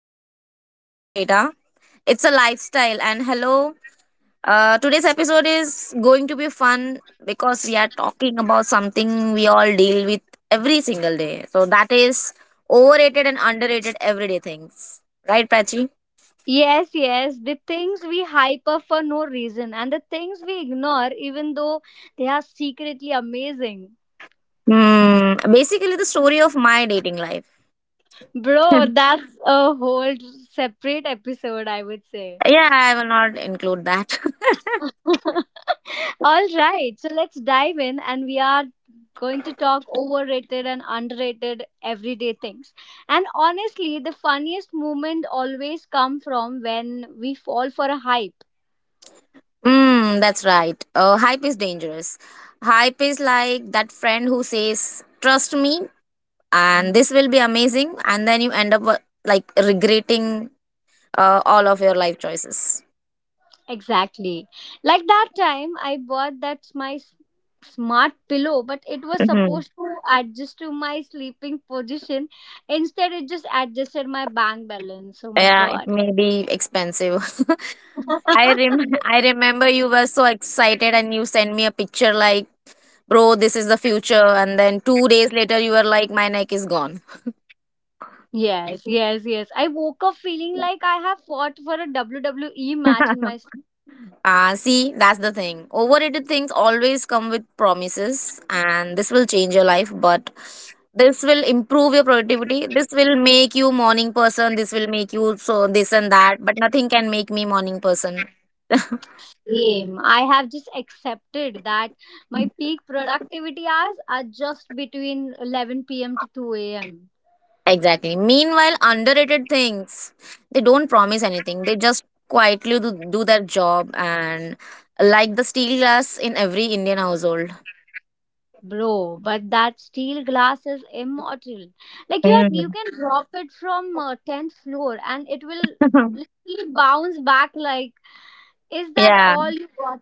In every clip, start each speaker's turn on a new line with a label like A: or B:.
A: is not a personality trait, huh? It's a lifestyle. And hello. Today's episode is going to be fun because we are talking about something we all deal with every single day. So that is overrated and underrated everyday things. Right, Prachi?
B: Yes, yes, the things we hype up for no reason and the things we ignore, even though they are secretly amazing.
A: Hmm. Basically the story of my dating life.
B: Bro, that's a whole separate episode, I would say.
A: Yeah, I will not include that.
B: All right, so let's dive in, and we are going to talk overrated and underrated everyday things. And honestly, the funniest moment always come from when we fall for a hype.
A: Mm, that's right. Hype is dangerous. Hype is like that friend who says, "Trust me, and this will be amazing," and then you end up like regretting all of your life choices.
B: Exactly. Like that time I bought smart pillow, but it was
A: Hmm.
B: supposed to adjust to my sleeping position. Instead, it just adjusted my bank balance. Oh my
A: Yeah, it
B: god.
A: may be expensive. I remember you were so excited, and you sent me a picture like, "Bro, this is the future," and then two days later, you were like, "My neck is gone."
B: Yes, yes, yes. I woke up feeling like I have fought for a WWE match in my.
A: Ah, see, that's the thing. Overrated things always come with promises, and this will change your life, but this will improve your productivity. This will make you morning person. This will make you so this and that, but nothing can make me morning person.
B: Same. I have just accepted that my peak productivity hours are just between 11 p.m. to 2 a.m.
A: Exactly. Meanwhile, underrated things, they don't promise anything. They just quietly do their job and like the steel glass in every Indian household.
B: Bro, but that steel glass is immortal. Like you, you
A: Mm.
B: can drop it from 10th floor and it will literally bounce back like, is that
A: Yeah.
B: all you got?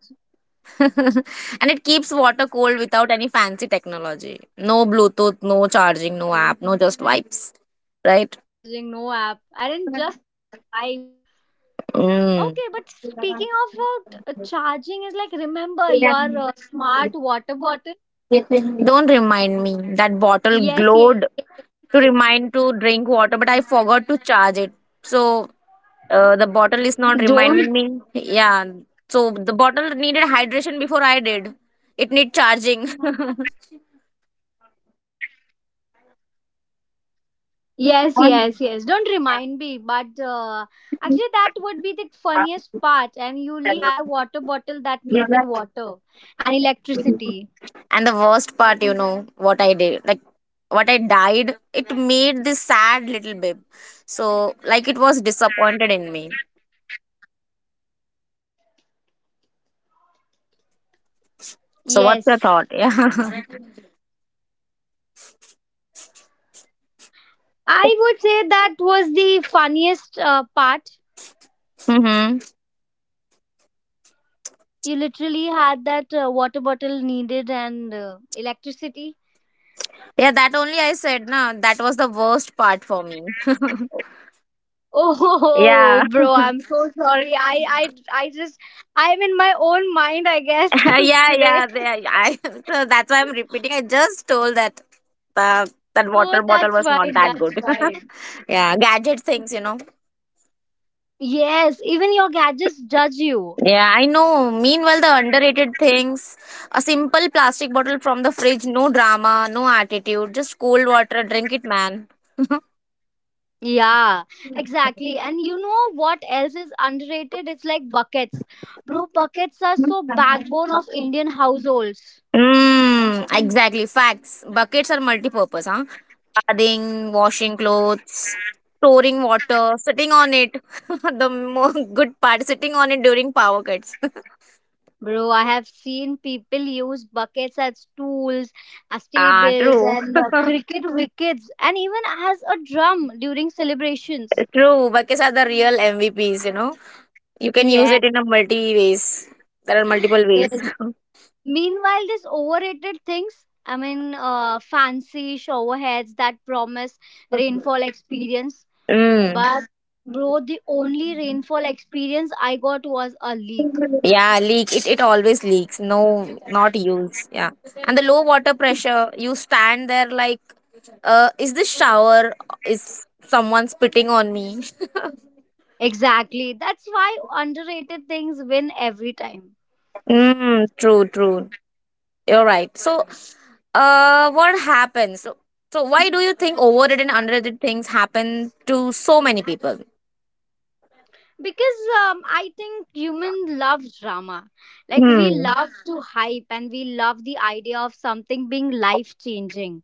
A: And it keeps water cold without any fancy technology. No Bluetooth, no charging, no app, no
B: Yes,
A: just vibes,
B: no Bluetooth,
A: right?
B: no charging, no app. I didn't just vibes, huh?
A: Mm.
B: Okay, but speaking of charging, is like remember your smart water bottle.
A: Don't remind me. That bottle
B: Yes,
A: glowed
B: yes, yes.
A: to remind to drink water, but I forgot to charge it. So the bottle is not
B: Don't.
A: reminding me. Yeah. So the bottle needed hydration before I did. It need charging.
B: Yes, yes, yes. Don't remind me. But actually, that would be the funniest part. And you literally had a water bottle that needed water and electricity.
A: And the worst part, what I did, like what I died, it made this sad little babe. So, like, it was disappointed in me. So, what's your
B: Yes.
A: thought? Yeah.
B: I would say that was the funniest part.
A: Mm-hmm.
B: You literally had that water bottle needed and electricity.
A: Yeah, that only I said, no, that was the worst part for me.
B: Oh,
A: Yeah.
B: bro, I'm so sorry. I just, I'm in my own mind, I guess,
A: yeah, yeah,
B: today.
A: yeah. I, so that's why I'm repeating. I just told that that water
B: Oh,
A: bottle was
B: that's
A: not that
B: fine.
A: good.
B: That's fine.
A: Yeah, gadget things, you know.
B: Even your gadgets judge you.
A: Yeah, I know. Meanwhile, the underrated things, a simple plastic bottle from the fridge, no drama, no attitude, just cold water, drink it, man.
B: Yeah, exactly. And you know what else is underrated? It's like buckets. Bro, buckets are so backbone of Indian households.
A: Mm, exactly. Facts. Buckets are multi-purpose, huh? Bathing, washing clothes, storing water, sitting on it. The more good part, sitting on it during power cuts.
B: Bro, I have seen people use buckets as tools, as
A: Ah,
B: tables,
A: true.
B: and cricket wickets, and even as a drum during celebrations.
A: True. Buckets are the real MVPs, you know. You can use
B: Yeah.
A: it in a multi ways. There are multiple ways.
B: Yes. Meanwhile, these overrated things, I mean, fancy showerheads that promise rainfall experience.
A: Mm.
B: But, bro, the only rainfall experience I got was a leak.
A: Yeah, leak. It always leaks. No, not use. Yeah. And the low water pressure, you stand there like, is this shower? Is someone spitting on me?
B: Exactly. That's why underrated things win every time.
A: Mm, true, true. You're right. So, what happens? So, so why do you think overrated and underrated things happen to so many people?
B: Because I think humans love drama, like we
A: Hmm.
B: love to, uh-huh, hype, and we love the idea of something being life changing.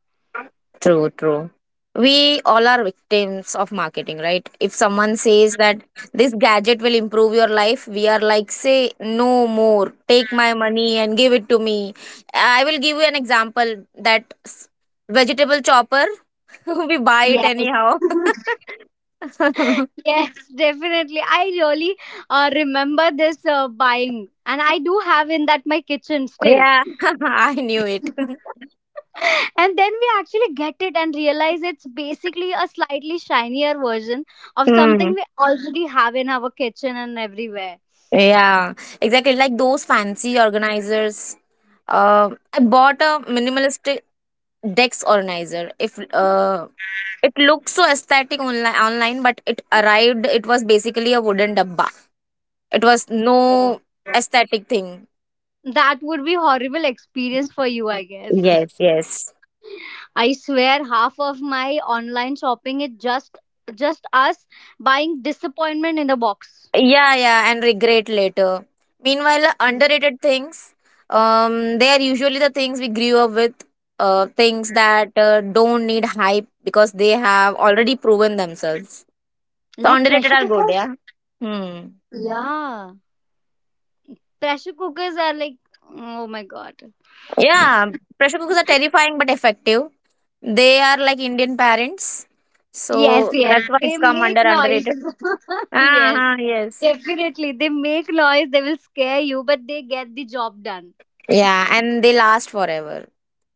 A: True, true. We all are victims of marketing, right? If someone says that this gadget will improve your life, we are like, say, no more, take my money and give it to me. I will give you an example, vegetable chopper, we buy it
B: Yes.
A: anyhow.
B: Yes, definitely. I really remember this buying, and I do have in that my kitchen still.
A: Yeah, I knew it.
B: And then we actually get it and realize it's basically a slightly shinier version of
A: Hmm.
B: something we already have in our kitchen and everywhere.
A: Yeah, exactly. Like those fancy organizers. I bought a minimalistic desk organizer. If It looked so aesthetic online, but it arrived. It was basically a wooden dabba. It was no aesthetic thing.
B: That would be horrible experience for you, I guess.
A: Yes, yes.
B: I swear half of my online shopping is just us buying disappointment in the box.
A: Yeah, yeah, and regret later. Meanwhile, the underrated things. They are usually the things we grew up with. Things that don't need hype because they have already proven themselves. So
B: Like
A: underrated
B: pressure
A: are good,
B: cookers?
A: yeah. Hmm.
B: Yeah. Pressure cookers are like, oh my god.
A: Yeah, pressure cookers are terrifying but effective. They are like Indian parents.
B: Yes,
A: So that's
B: yes.
A: why
B: They
A: it's come under
B: make noise.
A: underrated.
B: Yes.
A: Uh-huh, yes.
B: Definitely. They make noise. They will scare you, but they get the job done.
A: Yeah, and they last forever.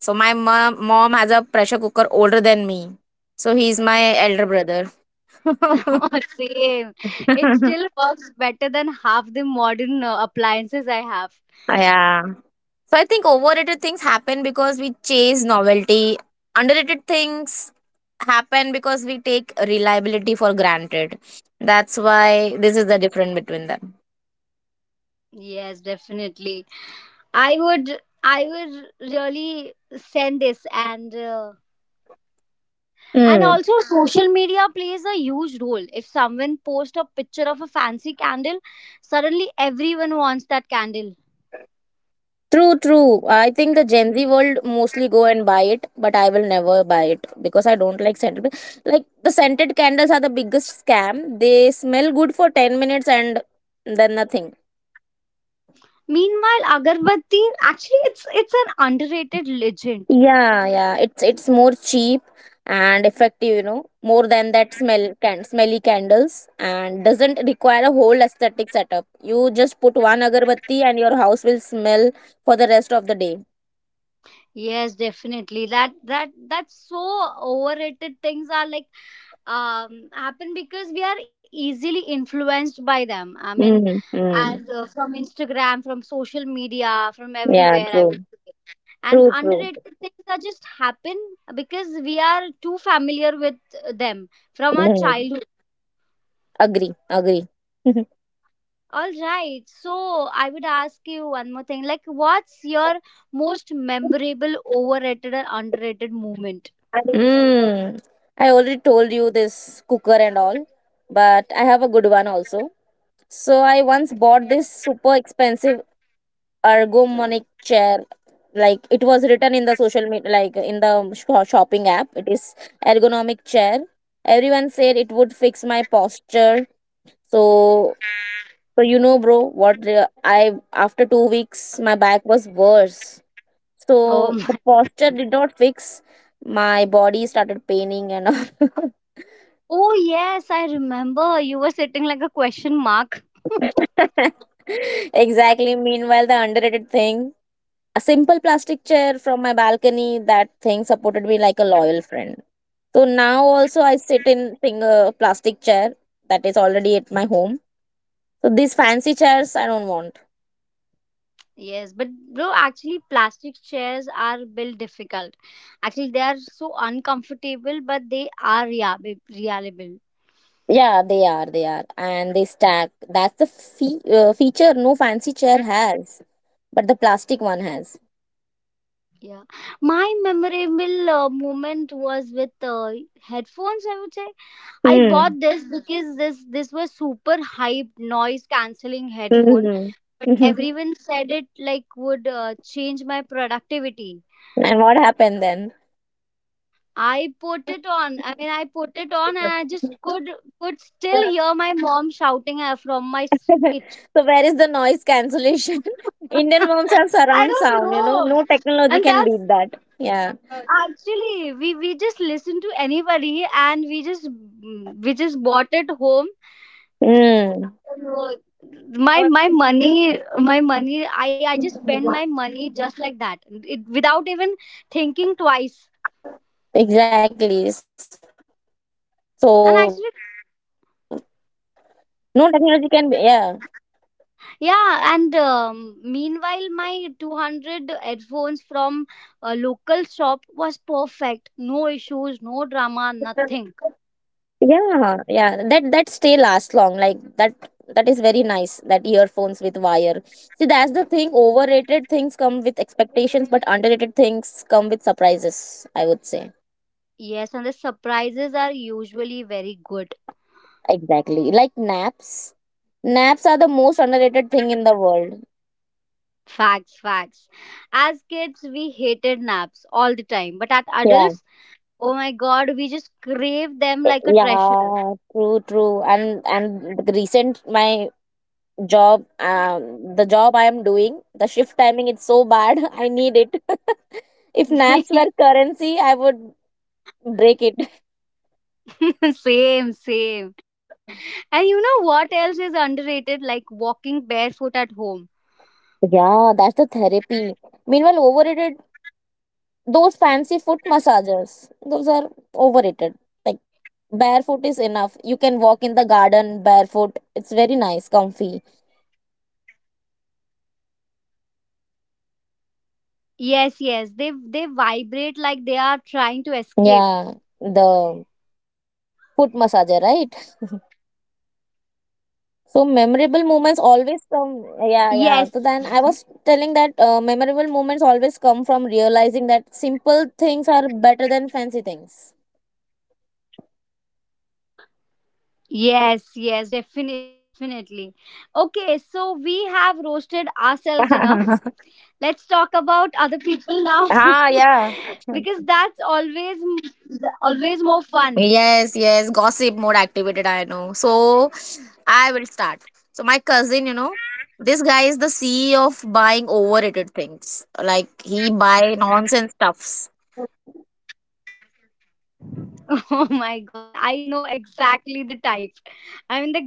A: So mom has a pressure cooker older than me. So he's my elder brother.
B: Same. It still works better than half the modern appliances I have.
A: Yeah. So I think overrated things happen because we chase novelty. Underrated things happen because we take reliability for granted. That's why this is the difference between them.
B: Yes, definitely. I would I would really send this, and
A: Hmm.
B: also social media plays a huge role. If someone posts a picture of a fancy candle, suddenly everyone wants that candle.
A: True, true. I think the Gen Z world mostly go and buy it, but I will never buy it because I don't like scented. Like the scented candles are the biggest scam. They smell good for ten minutes and then nothing.
B: Meanwhile, Agarbatti actually it's an underrated legend.
A: Yeah, yeah. It's more cheap and effective, you know, more than that smell can smelly candles and doesn't require a whole aesthetic setup. You just put one agarbatti and your house will smell for the rest of the day.
B: Yes, definitely. That's so overrated things are like happen because we are easily influenced by them. I mean,
A: Mm-hmm.
B: and from Instagram, from social media, from
A: Yeah,
B: everywhere, I would
A: true.
B: say. And
A: True, true.
B: underrated things are just happen because we are too familiar with them from our
A: Mm.
B: childhood.
A: Agree, agree. Mm.
B: All right. So I would ask you one more thing. Like, what's your most memorable overrated or underrated moment?
A: I already told you this cooker and all, but I have a good one also. So I once bought this super expensive ergonomic chair. Like it was written in the social media, like in the shopping app, it is ergonomic chair. Everyone said it would fix my posture. So, so you know bro I, after 2 weeks, my back was worse. So
B: Oh.
A: the posture did not fix. My body started paining and all.
B: Oh, yes, I remember. You were sitting like a question mark.
A: Exactly. Meanwhile, the underrated thing, a simple plastic chair from my balcony, that thing supported me like a loyal friend. So now also I sit in thing, plastic chair that is already at my home. So these fancy chairs I don't want.
B: Yes, but bro, actually, plastic chairs are built difficult. Actually, they are so uncomfortable, but they are reliable.
A: Yeah, they are, and they stack. That's the feature no fancy chair has, but the plastic one has.
B: Yeah, my memorable moment was with headphones. I would say I
A: Hmm.
B: bought this Mhm. Because this was super hyped noise cancelling headphone.
A: Mhm.
B: But
A: Mhm.
B: everyone said it like would change my productivity.
A: And what happened then?
B: I put it on. I mean, I put it on, and I just could
A: So
B: still hear my mom shouting from kitchen.
A: where is the noise cancellation? Indian moms have
B: I
A: surround
B: don't
A: sound. You know,
B: know.
A: no technology
B: And
A: can
B: that's
A: beat that. Yeah.
B: actually we just listen to anybody, and we just bought it home.
A: Mm.
B: So, my money, my money. I just spend my money just like that, it, without even thinking twice.
A: Exactly. So
B: And
A: no
B: actually,
A: technology can be, yeah.
B: yeah, and meanwhile, my 200 headphones from a local shop was perfect. No issues, no drama, nothing.
A: Yeah, yeah. That that stay last long. Like that, that is very nice. That earphones with wire. See, that's the thing. Overrated things come with expectations, but underrated things come with surprises, I would say.
B: Yes, and the surprises are usually very good.
A: Exactly. Like naps. Naps are the most underrated thing in the world.
B: Facts, facts. As kids, we hated naps all the time, but at
A: Yeah.
B: adults, oh my god, we just crave them
A: Eh,
B: like a treasure.
A: yeah, true, true. And the recent my job, the job I am doing, the shift timing it's so bad. I need it. If naps were currency, I would break it.
B: Same, same. And you know what else is underrated? Like walking barefoot at home.
A: Yeah, that's the therapy. Meanwhile, overrated, those fancy foot massagers, those are overrated. Like, barefoot is enough. You can walk in the garden barefoot. It's very nice, comfy.
B: Yes, yes. They vibrate like they are trying to escape.
A: Yeah, the foot massager, right? So, memorable moments always come.
B: Yes.
A: Yeah, yeah. So, then I was telling that memorable moments always come from realizing that simple things are better than fancy things.
B: Yes, yes, definitely, definitely. Okay, so we have roasted ourselves enough. Let's talk about other people now
A: Ah, yeah.
B: because that's always more fun.
A: Yes, yes. Gossip more activated, I know. So I will start. So my cousin, you know, this guy is the CEO of buying overrated things. Like he buy nonsense stuffs.
B: Oh my god, I know exactly the type.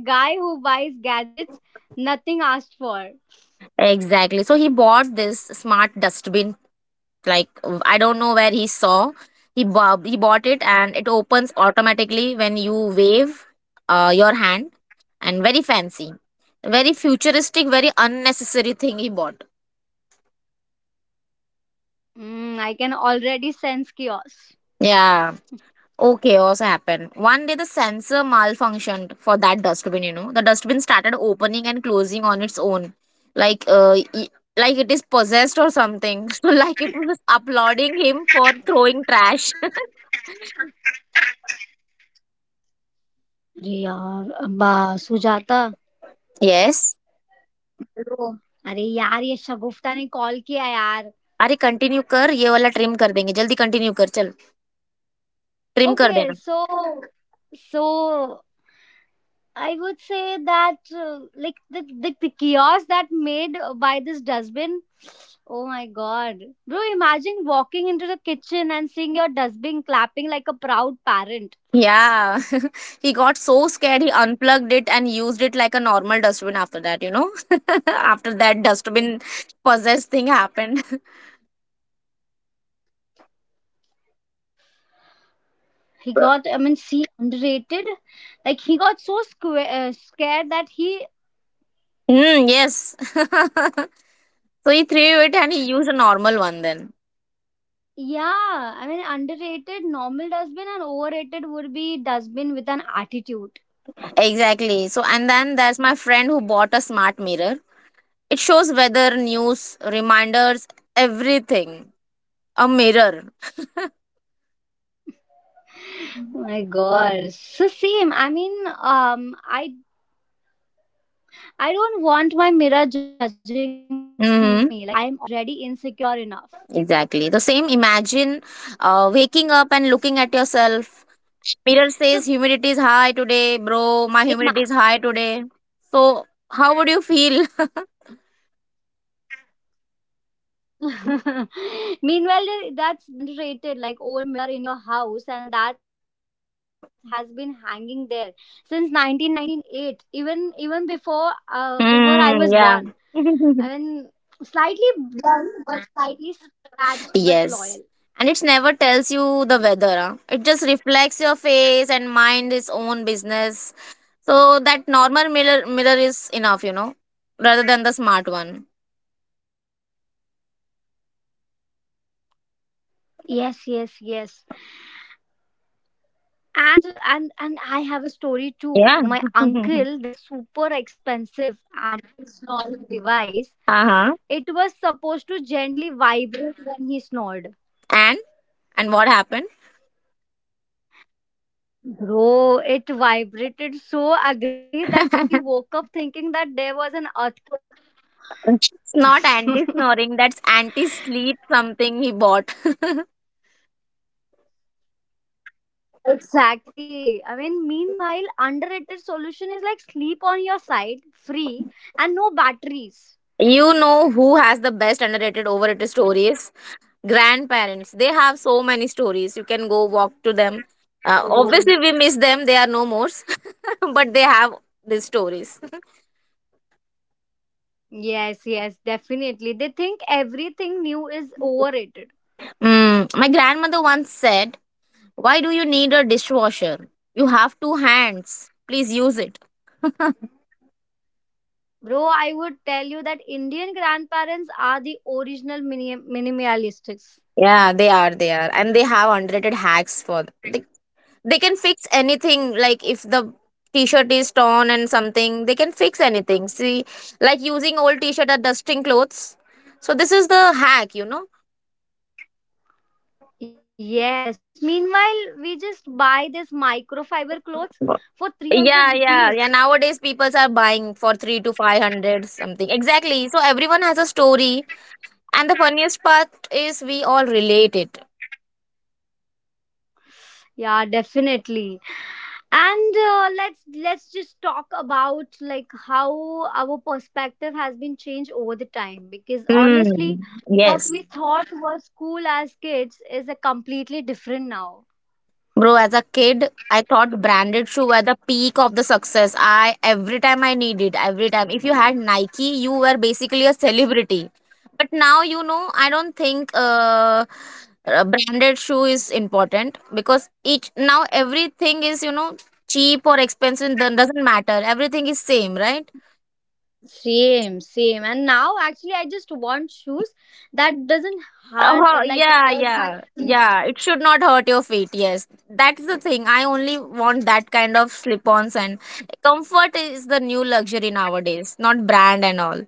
B: I mean the guy who buys gadgets nothing asked for.
A: Exactly. So he bought this smart dustbin. Like I don't know where he saw. He bought it and it opens automatically when you wave your hand and very fancy. Very futuristic, very unnecessary thing he bought.
B: Mm, I can already sense chaos.
A: Yeah. Okay, oh, chaos happened. One day the sensor malfunctioned for that dustbin, you know. The dustbin started opening and closing on its own. Like uh e- like it is possessed or something. So like it was applauding him for throwing trash.
B: अरे यार अब्बा Sujata
A: yes
B: hello अरे यार ये शगुफ्ता ने call किया यार
A: अरे कंटिन्यू कर ये वाला ट्रिम कर देंगे जल्दी कंटिन्यू कर चल ट्रिम कर
B: ओके
A: देना.
B: So so I would say that like the the the kiosk that made by this dustbin oh my god bro imagine walking into the kitchen and seeing your dustbin clapping like a proud parent.
A: Yeah, he got so scared he unplugged it and used it like a normal dustbin after that, you know. After that dustbin possessed thing happened.
B: He got, I mean, see, underrated. Like, he got so scared that he.
A: Mm, yes. So he threw it and he used a normal one then.
B: Yeah, I mean underrated normal dustbin and overrated would be dustbin with an attitude.
A: Exactly. So, and then there's my friend who bought a smart mirror. It shows weather, news, reminders, everything. A mirror.
B: My god. So same. I mean, I don't want my mirror judging me. Like I'm
A: Mm-hmm.
B: already insecure enough.
A: Exactly. The same. Imagine waking up and looking at yourself.
B: So
A: Mirror says
B: ima-
A: humidity is high today, bro. My humidity is high today. So, how would you feel?
B: Meanwhile, that's the underrated, like old mirror in your house, and that has been hanging there since 1998, even before I was born. I mean,
A: Mm, yeah.
B: slightly blunt, but slightly scratched, but loyal.
A: Yes. And it never tells you the weather. Huh? It just reflects your face and mind its own business. So that normal mirror mirror is enough, you know, rather than the smart one.
B: Yes, yes, yes. And I have a story too. My
A: Yeah.
B: uncle, this super expensive anti snoring device,
A: Uh-huh.
B: it was supposed to gently vibrate when he snored.
A: And and what happened?
B: Bro, it vibrated so aggressively that
A: It's
B: woke up thinking that there was an earthquake.
A: not anti snoring, that's anti sleep something he bought.
B: Exactly. I mean, meanwhile, underrated solution is like sleep on your side, free, and no batteries.
A: You know who has the best underrated overrated stories? Grandparents. They have so many stories you can go walk to them. Obviously we miss them, they are no more. But they have these stories.
B: Yes, yes, definitely. They think everything new is overrated.
A: Mm, my grandmother once said, why do you need a dishwasher? You have two hands, please use it.
B: Bro, I would tell you that Indian grandparents are the original minimalistics.
A: Yeah, they are, they are, and they have underrated hacks for they can fix anything. Like if the t-shirt is torn and something, they can fix anything. See, like using old t-shirt or dusting clothes. So this is the hack, you know.
B: Yes, meanwhile, we just buy this microfiber clothes for
A: Yeah,
B: 300
A: yeah, yeah.
B: rupees.
A: Nowadays, people are buying for three to five hundred something. Exactly. So everyone has a story, and the funniest part is we all relate it.
B: Yeah, definitely. And let's just talk about like how our perspective has been changed over the time, because honestly
A: Hmm.
B: what
A: Yes.
B: we thought was cool as kids is a completely different now.
A: Bro, as a kid, I thought branded shoe were the peak of the success. I every time I needed, every time. If you had Nike, you were basically a celebrity. But now you know, I don't think a branded shoe is important because each now everything is you know cheap or expensive. Then doesn't matter. Everything is same, right?
B: Same, same. And now actually I just want shoes that doesn't hard
A: Oh,
B: like
A: yeah,
B: hurt my
A: yeah,
B: feet.
A: yeah. It should not hurt your feet. Yes, that's the thing. I only want that kind of slip-ons and comfort is the new luxury nowadays, not brand and all.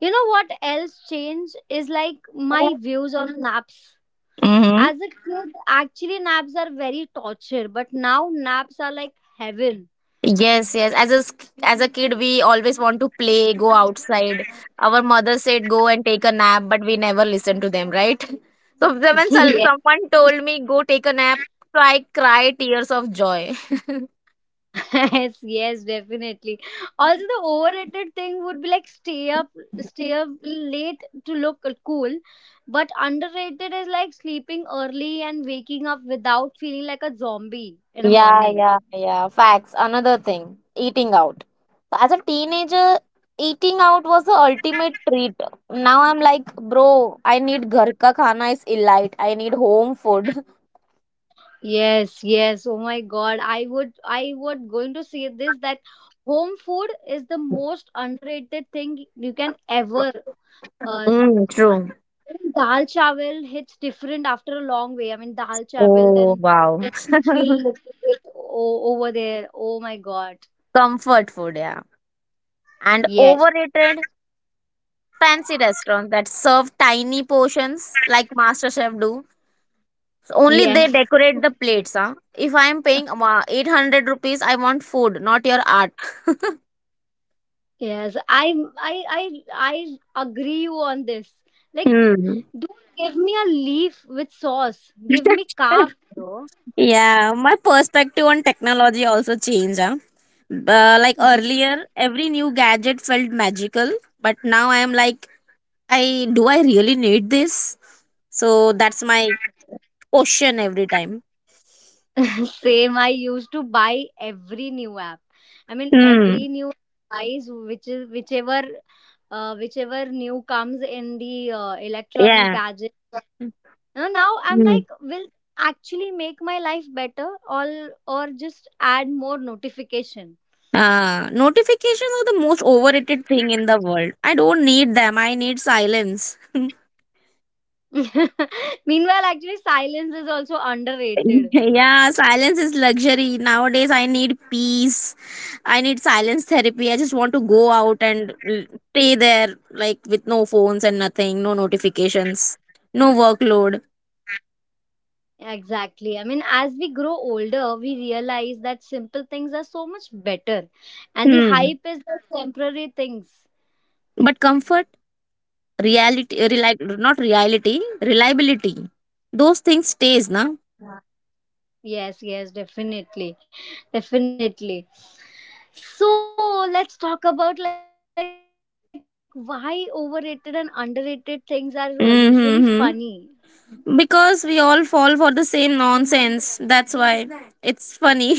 B: You know what else changed is like my views on naps.
A: Mm-hmm.
B: As a kid actually naps are very torture, but now naps are like heaven.
A: Yes, yes. As a kid, we always want to play, go outside. Our mother said go and take a nap, but we never listen to them, right? So someone told me go take a nap, so I cry tears of joy.
B: Yes, yes, definitely. Also the overrated thing would be like stay up late to look cool, but underrated is like sleeping early and waking up without feeling like a zombie in the
A: Yeah,
B: morning.
A: yeah, yeah. Facts. Another thing, eating out. As a teenager, eating out was the ultimate treat. Now I'm like, bro, I need ghar ka khana is elite. I need home food.
B: Yes, yes. Oh my God. I would going to say this that home food is the most underrated thing you can ever uh,
A: Mm, true.
B: Dal chawal hits different after a long way. I mean, dal chawal,
A: Oh,
B: then
A: wow.
B: just to chill a little bit over there. Oh my god.
A: Comfort food, yeah. And
B: Yes.
A: overrated fancy restaurants that serve tiny portions like MasterChef do. So, only they
B: Yes.
A: decorate the plates, huh? If I am paying 800 rupees, I want food, not your art.
B: Yes. I I I agree you on this. Like,
A: Hmm.
B: don't give me a leaf with sauce. Give me carb, bro.
A: Yeah, my perspective on technology also changed. Huh? Like
B: Mm.
A: earlier, every new gadget felt magical, but now I am like, I really need this? So that's my question every time.
B: Same. I used to buy every new app. I mean,
A: Hmm.
B: every new device, which is whichever new comes in the electronic
A: Yeah.
B: gadget. You know now I'm
A: Hmm.
B: like, will actually make my life better or just add more notification.
A: Notifications are the most overrated thing in the world. I don't need them. I need silence.
B: Meanwhile, actually silence is also underrated.
A: Yeah, silence is luxury. Nowadays, I need peace. I need silence therapy. I just want to go out and stay there, like with no phones and nothing, no notifications, no workload.
B: Exactly, I mean as we grow older we realize that simple things are so much better, and the
A: Hmm.
B: hype is the temporary things.
A: But comfort, reality, reli- not reality, reliability. Those things stays, na.
B: Yeah. Yes, yes, definitely, definitely. So let's talk about like why overrated and underrated things are usually funny.
A: Mm-hmm. Because we all fall for the same nonsense. That's why it's funny.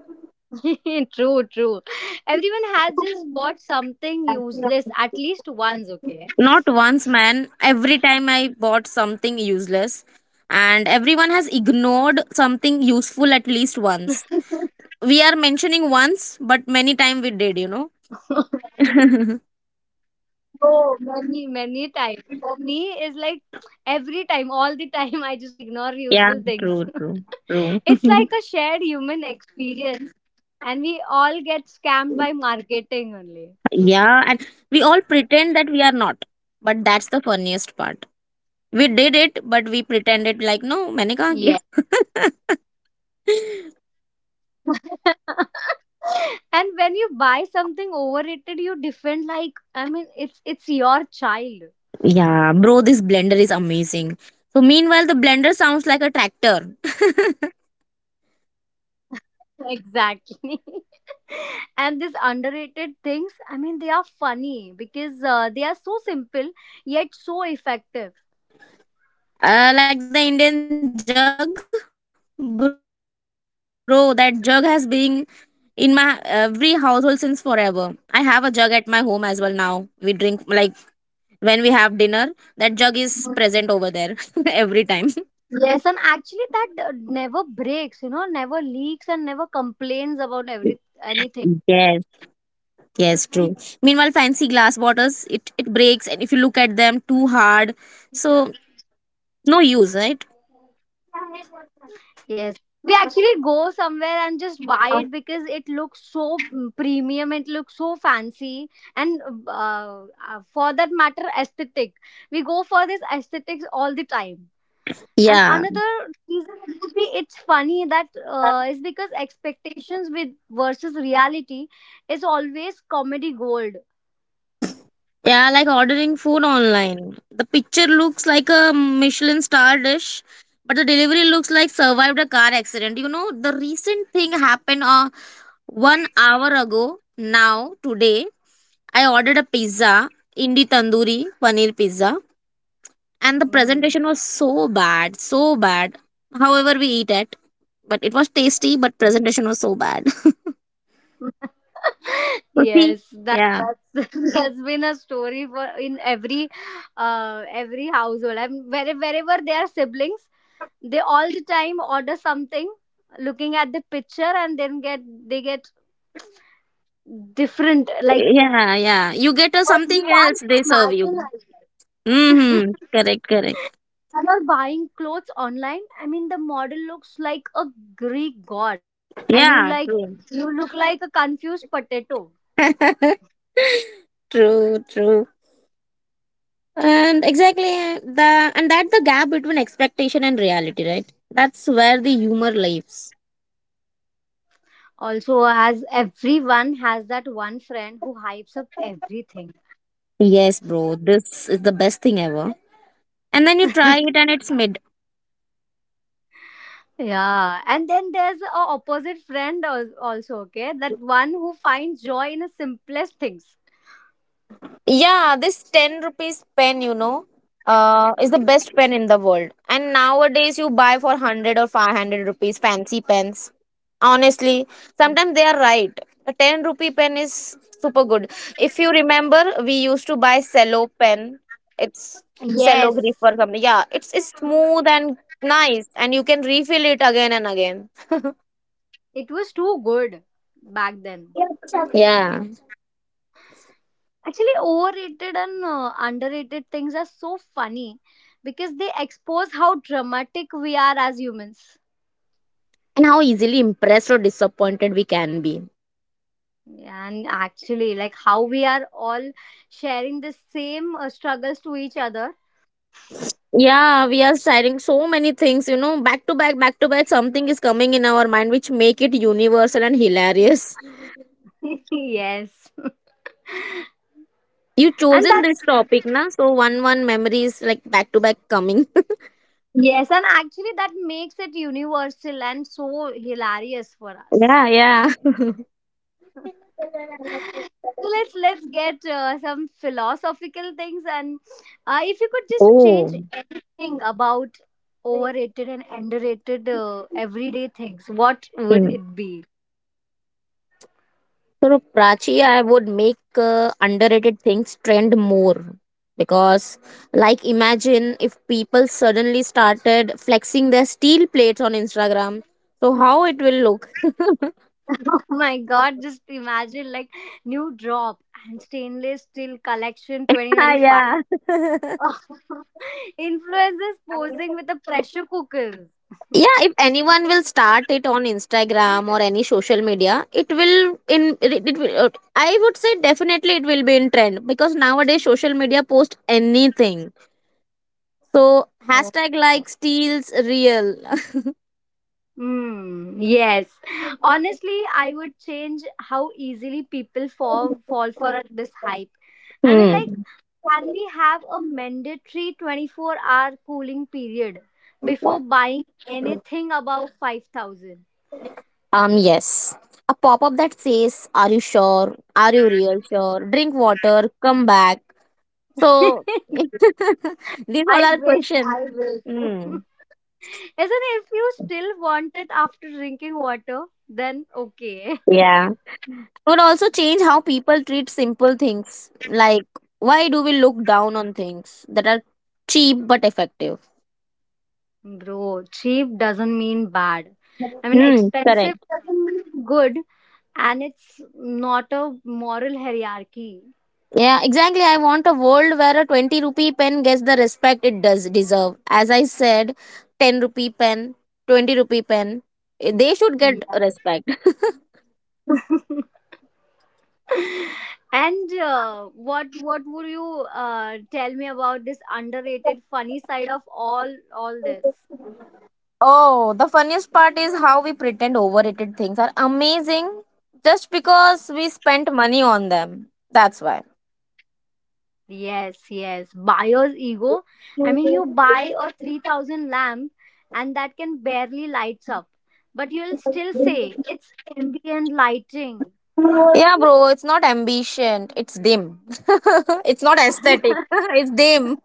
B: True, true. Everyone has just bought something useless at least once, okay?
A: Not once, man. Every time I bought something useless, and everyone has ignored something useful at least once. We are mentioning once, but many time we did, you know.
B: Oh, many, many times. For me, it's like every time, all the time, I just ignore
A: Yeah,
B: useful things.
A: true, true, true.
B: It's like a shared human experience, and we all get scammed by marketing only.
A: Yeah, and we all pretend that we are not, but that's the funniest part. We did it, but we pretended like no, मैंने कहाँ
B: Yeah.
A: किया.
B: And when you buy something overrated, you defend like I mean, it's your child.
A: Yeah, bro, this blender is amazing. So meanwhile, the blender sounds like a tractor.
B: Exactly. And these underrated things I mean they are funny because they are so simple yet so effective.
A: Like the Indian jug, bro. That jug has been in my every household since forever. I have a jug at my home as well now. We drink like when we have dinner. That jug is present over there every time.
B: Mm, yes. And actually that never breaks, never leaks and never complains about every
A: Yes.
B: anything.
A: Yes, true. Meanwhile, fancy glass bottles it breaks, and if you look at them too hard, so no use, right?
B: Yes, we actually go somewhere and just buy it because it looks so premium, it looks so fancy, and uh, for that matter aesthetic, we go for this aesthetics all the time. And
A: Yeah.
B: another reason it would be it's funny that is because expectations with versus reality is always comedy gold.
A: Yeah, like ordering food online. The picture looks like a Michelin star dish, but the delivery looks like survived a car accident. You know, the recent thing happened 1 hour ago. Now, today, I ordered a pizza, Indi Tandoori Paneer Pizza, and the
B: Mm.
A: presentation was so bad, so bad. However, we eat it, but it was tasty, but presentation was so bad. So see,
B: Yes, that
A: yeah,
B: that's that's been a story for in every household. And wherever they are siblings, they all the time order something, looking at the picture, and then get they get different like
A: yeah, yeah. You get
B: what we
A: something
B: can't
A: else, they serve you.
B: imagine. As well.
A: Mm-hmm. Correct, correct.
B: Are buying clothes online. I mean, the model looks like a Greek god, and you
A: Yeah,
B: like
A: true.
B: you look like a confused potato.
A: True, true. And exactly the and that's the gap between expectation and reality, right? That's where the humor lives.
B: Also, as everyone has that one friend who hypes up everything.
A: Yes, bro. This is the best thing ever. And then you try it and it's…
B: Yeah, and then there's a opposite friend also. Okay, that one who finds joy in the simplest things.
A: Yeah, this 10 rupees pen, you know, is the best pen in the world. And nowadays, you buy for 100 or 500 rupees fancy pens. Honestly, sometimes they are right. A 10 rupee pen is super good. If you remember, we used to buy cello pen. It's cello
B: Yes,
A: grip or something. Yeah, it's smooth and nice, and you can refill it again and again.
B: it was too good back then.
A: Yeah.
B: Actually, overrated and underrated things are so funny because they expose how dramatic we are as humans.
A: And how easily impressed or disappointed we can be.
B: And actually, like how we are all sharing the same struggles to each other.
A: Yeah, we are sharing so many things, you know, back to back, back to back. Something is coming in our mind which make it universal and hilarious.
B: Yes.
A: You
B: And
A: chosen
B: that's,
A: this topic, na? So one memory is like back to back coming.
B: yes, and actually, that makes it universal and so hilarious for us.
A: Yeah, yeah.
B: So let's get some philosophical things, and if you could just change anything about
A: Oh.
B: overrated and underrated everyday things, what would it be?
A: So, Prachi, I would make underrated things trend more because, like, imagine if people suddenly started flexing their steel plates on Instagram. So, how it will look?
B: Oh my god, just imagine like new drop and stainless steel collection
A: Ah,
B: 2025.
A: yeah. Yeah,
B: Influencers posing with the pressure cookers.
A: if anyone will start it on Instagram or any social media, it will. I would say definitely it will be in trend because nowadays social media post anything. So
B: Oh.
A: hashtag like steals real.
B: Hmm. Yes. Honestly, I would change how easily people fall for this hype. I mean, like,
A: Hmm.
B: can we have a mandatory 24-hour cooling period before buying anything above 5,000?
A: Yes. A pop up that says, are you sure? Are you real sure? Drink water, come back. So, these all
B: I
A: are
B: wish,
A: questions.
B: I wish.
A: Hmm.
B: Isn't it? If you still want it after drinking water, then okay.
A: Yeah. Would also change how people treat simple things. Like, why do we look down on things that are cheap but effective?
B: Bro, cheap doesn't mean bad. I mean,
A: Hmm.
B: expensive
A: Correct.
B: doesn't mean good, and it's not a moral hierarchy.
A: Yeah, exactly. I want a world where a 20 rupee pen gets the respect it does deserve. As I said, 10 rupee pen, 20 rupee pen, eh, they should get
B: Yeah.
A: respect.
B: And what would you tell me about this underrated funny side of all this?
A: Oh, the funniest part is how we pretend overrated things are amazing just because we spent money on them. That's why.
B: Yes, yes. Buyer's ego. I mean, you buy a 3,000 lamp, and that can barely lights up, but you'll still say it's ambient lighting.
A: Yeah, bro, it's not ambition, it's dim. It's not aesthetic, it's dim.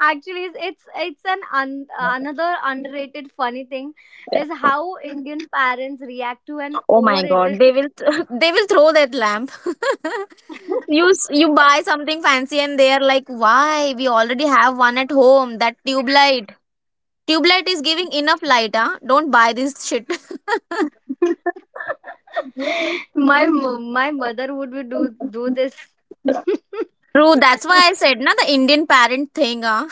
B: Actually it's an another underrated funny thing is how Indian parents react to an
A: Oh my
B: overrated
A: God, they will they will throw that lamp.
B: thing.
A: You buy something fancy and they are like, why? We already have one at home. That tube light is giving enough light. Huh? Don't buy this shit.
B: My my mother would be do this.
A: True. That's why I said, na the Indian parent thing. Huh?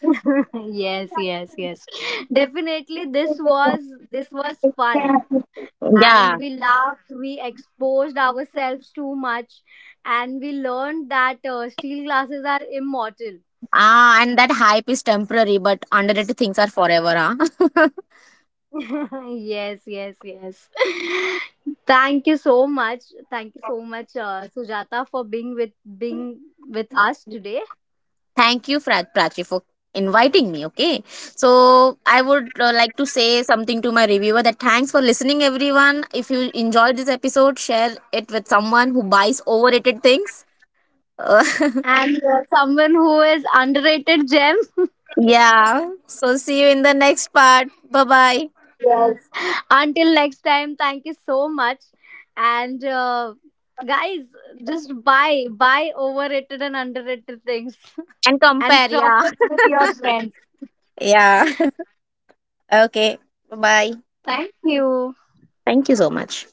B: Yes, yes, yes, definitely this was fun, and
A: Yeah.
B: we laughed, we exposed ourselves too much, and we learned that steel glasses are immortal.
A: Ah, and that hype is temporary, but underrated things are forever. Huh?
B: Yes, yes, yes. Thank you so much. Thank you so much, Sujata, for being with us today.
A: Thank you, Prachi, for inviting me. Okay. So, I would like to say something to my reviewer that thanks for listening, everyone. If you enjoyed this episode, share it with someone who buys overrated things. Uh,
B: And someone who is underrated gem.
A: yeah. So, see you in the next part. Bye bye.
B: Yes. Until next time, thank you so much. And guys, just buy overrated and underrated things,
A: And
B: and
A: compare.
B: talk
A: Yeah.
B: it with your friends.
A: Yeah. Okay. Bye bye.
B: Thank you.
A: Thank you so much.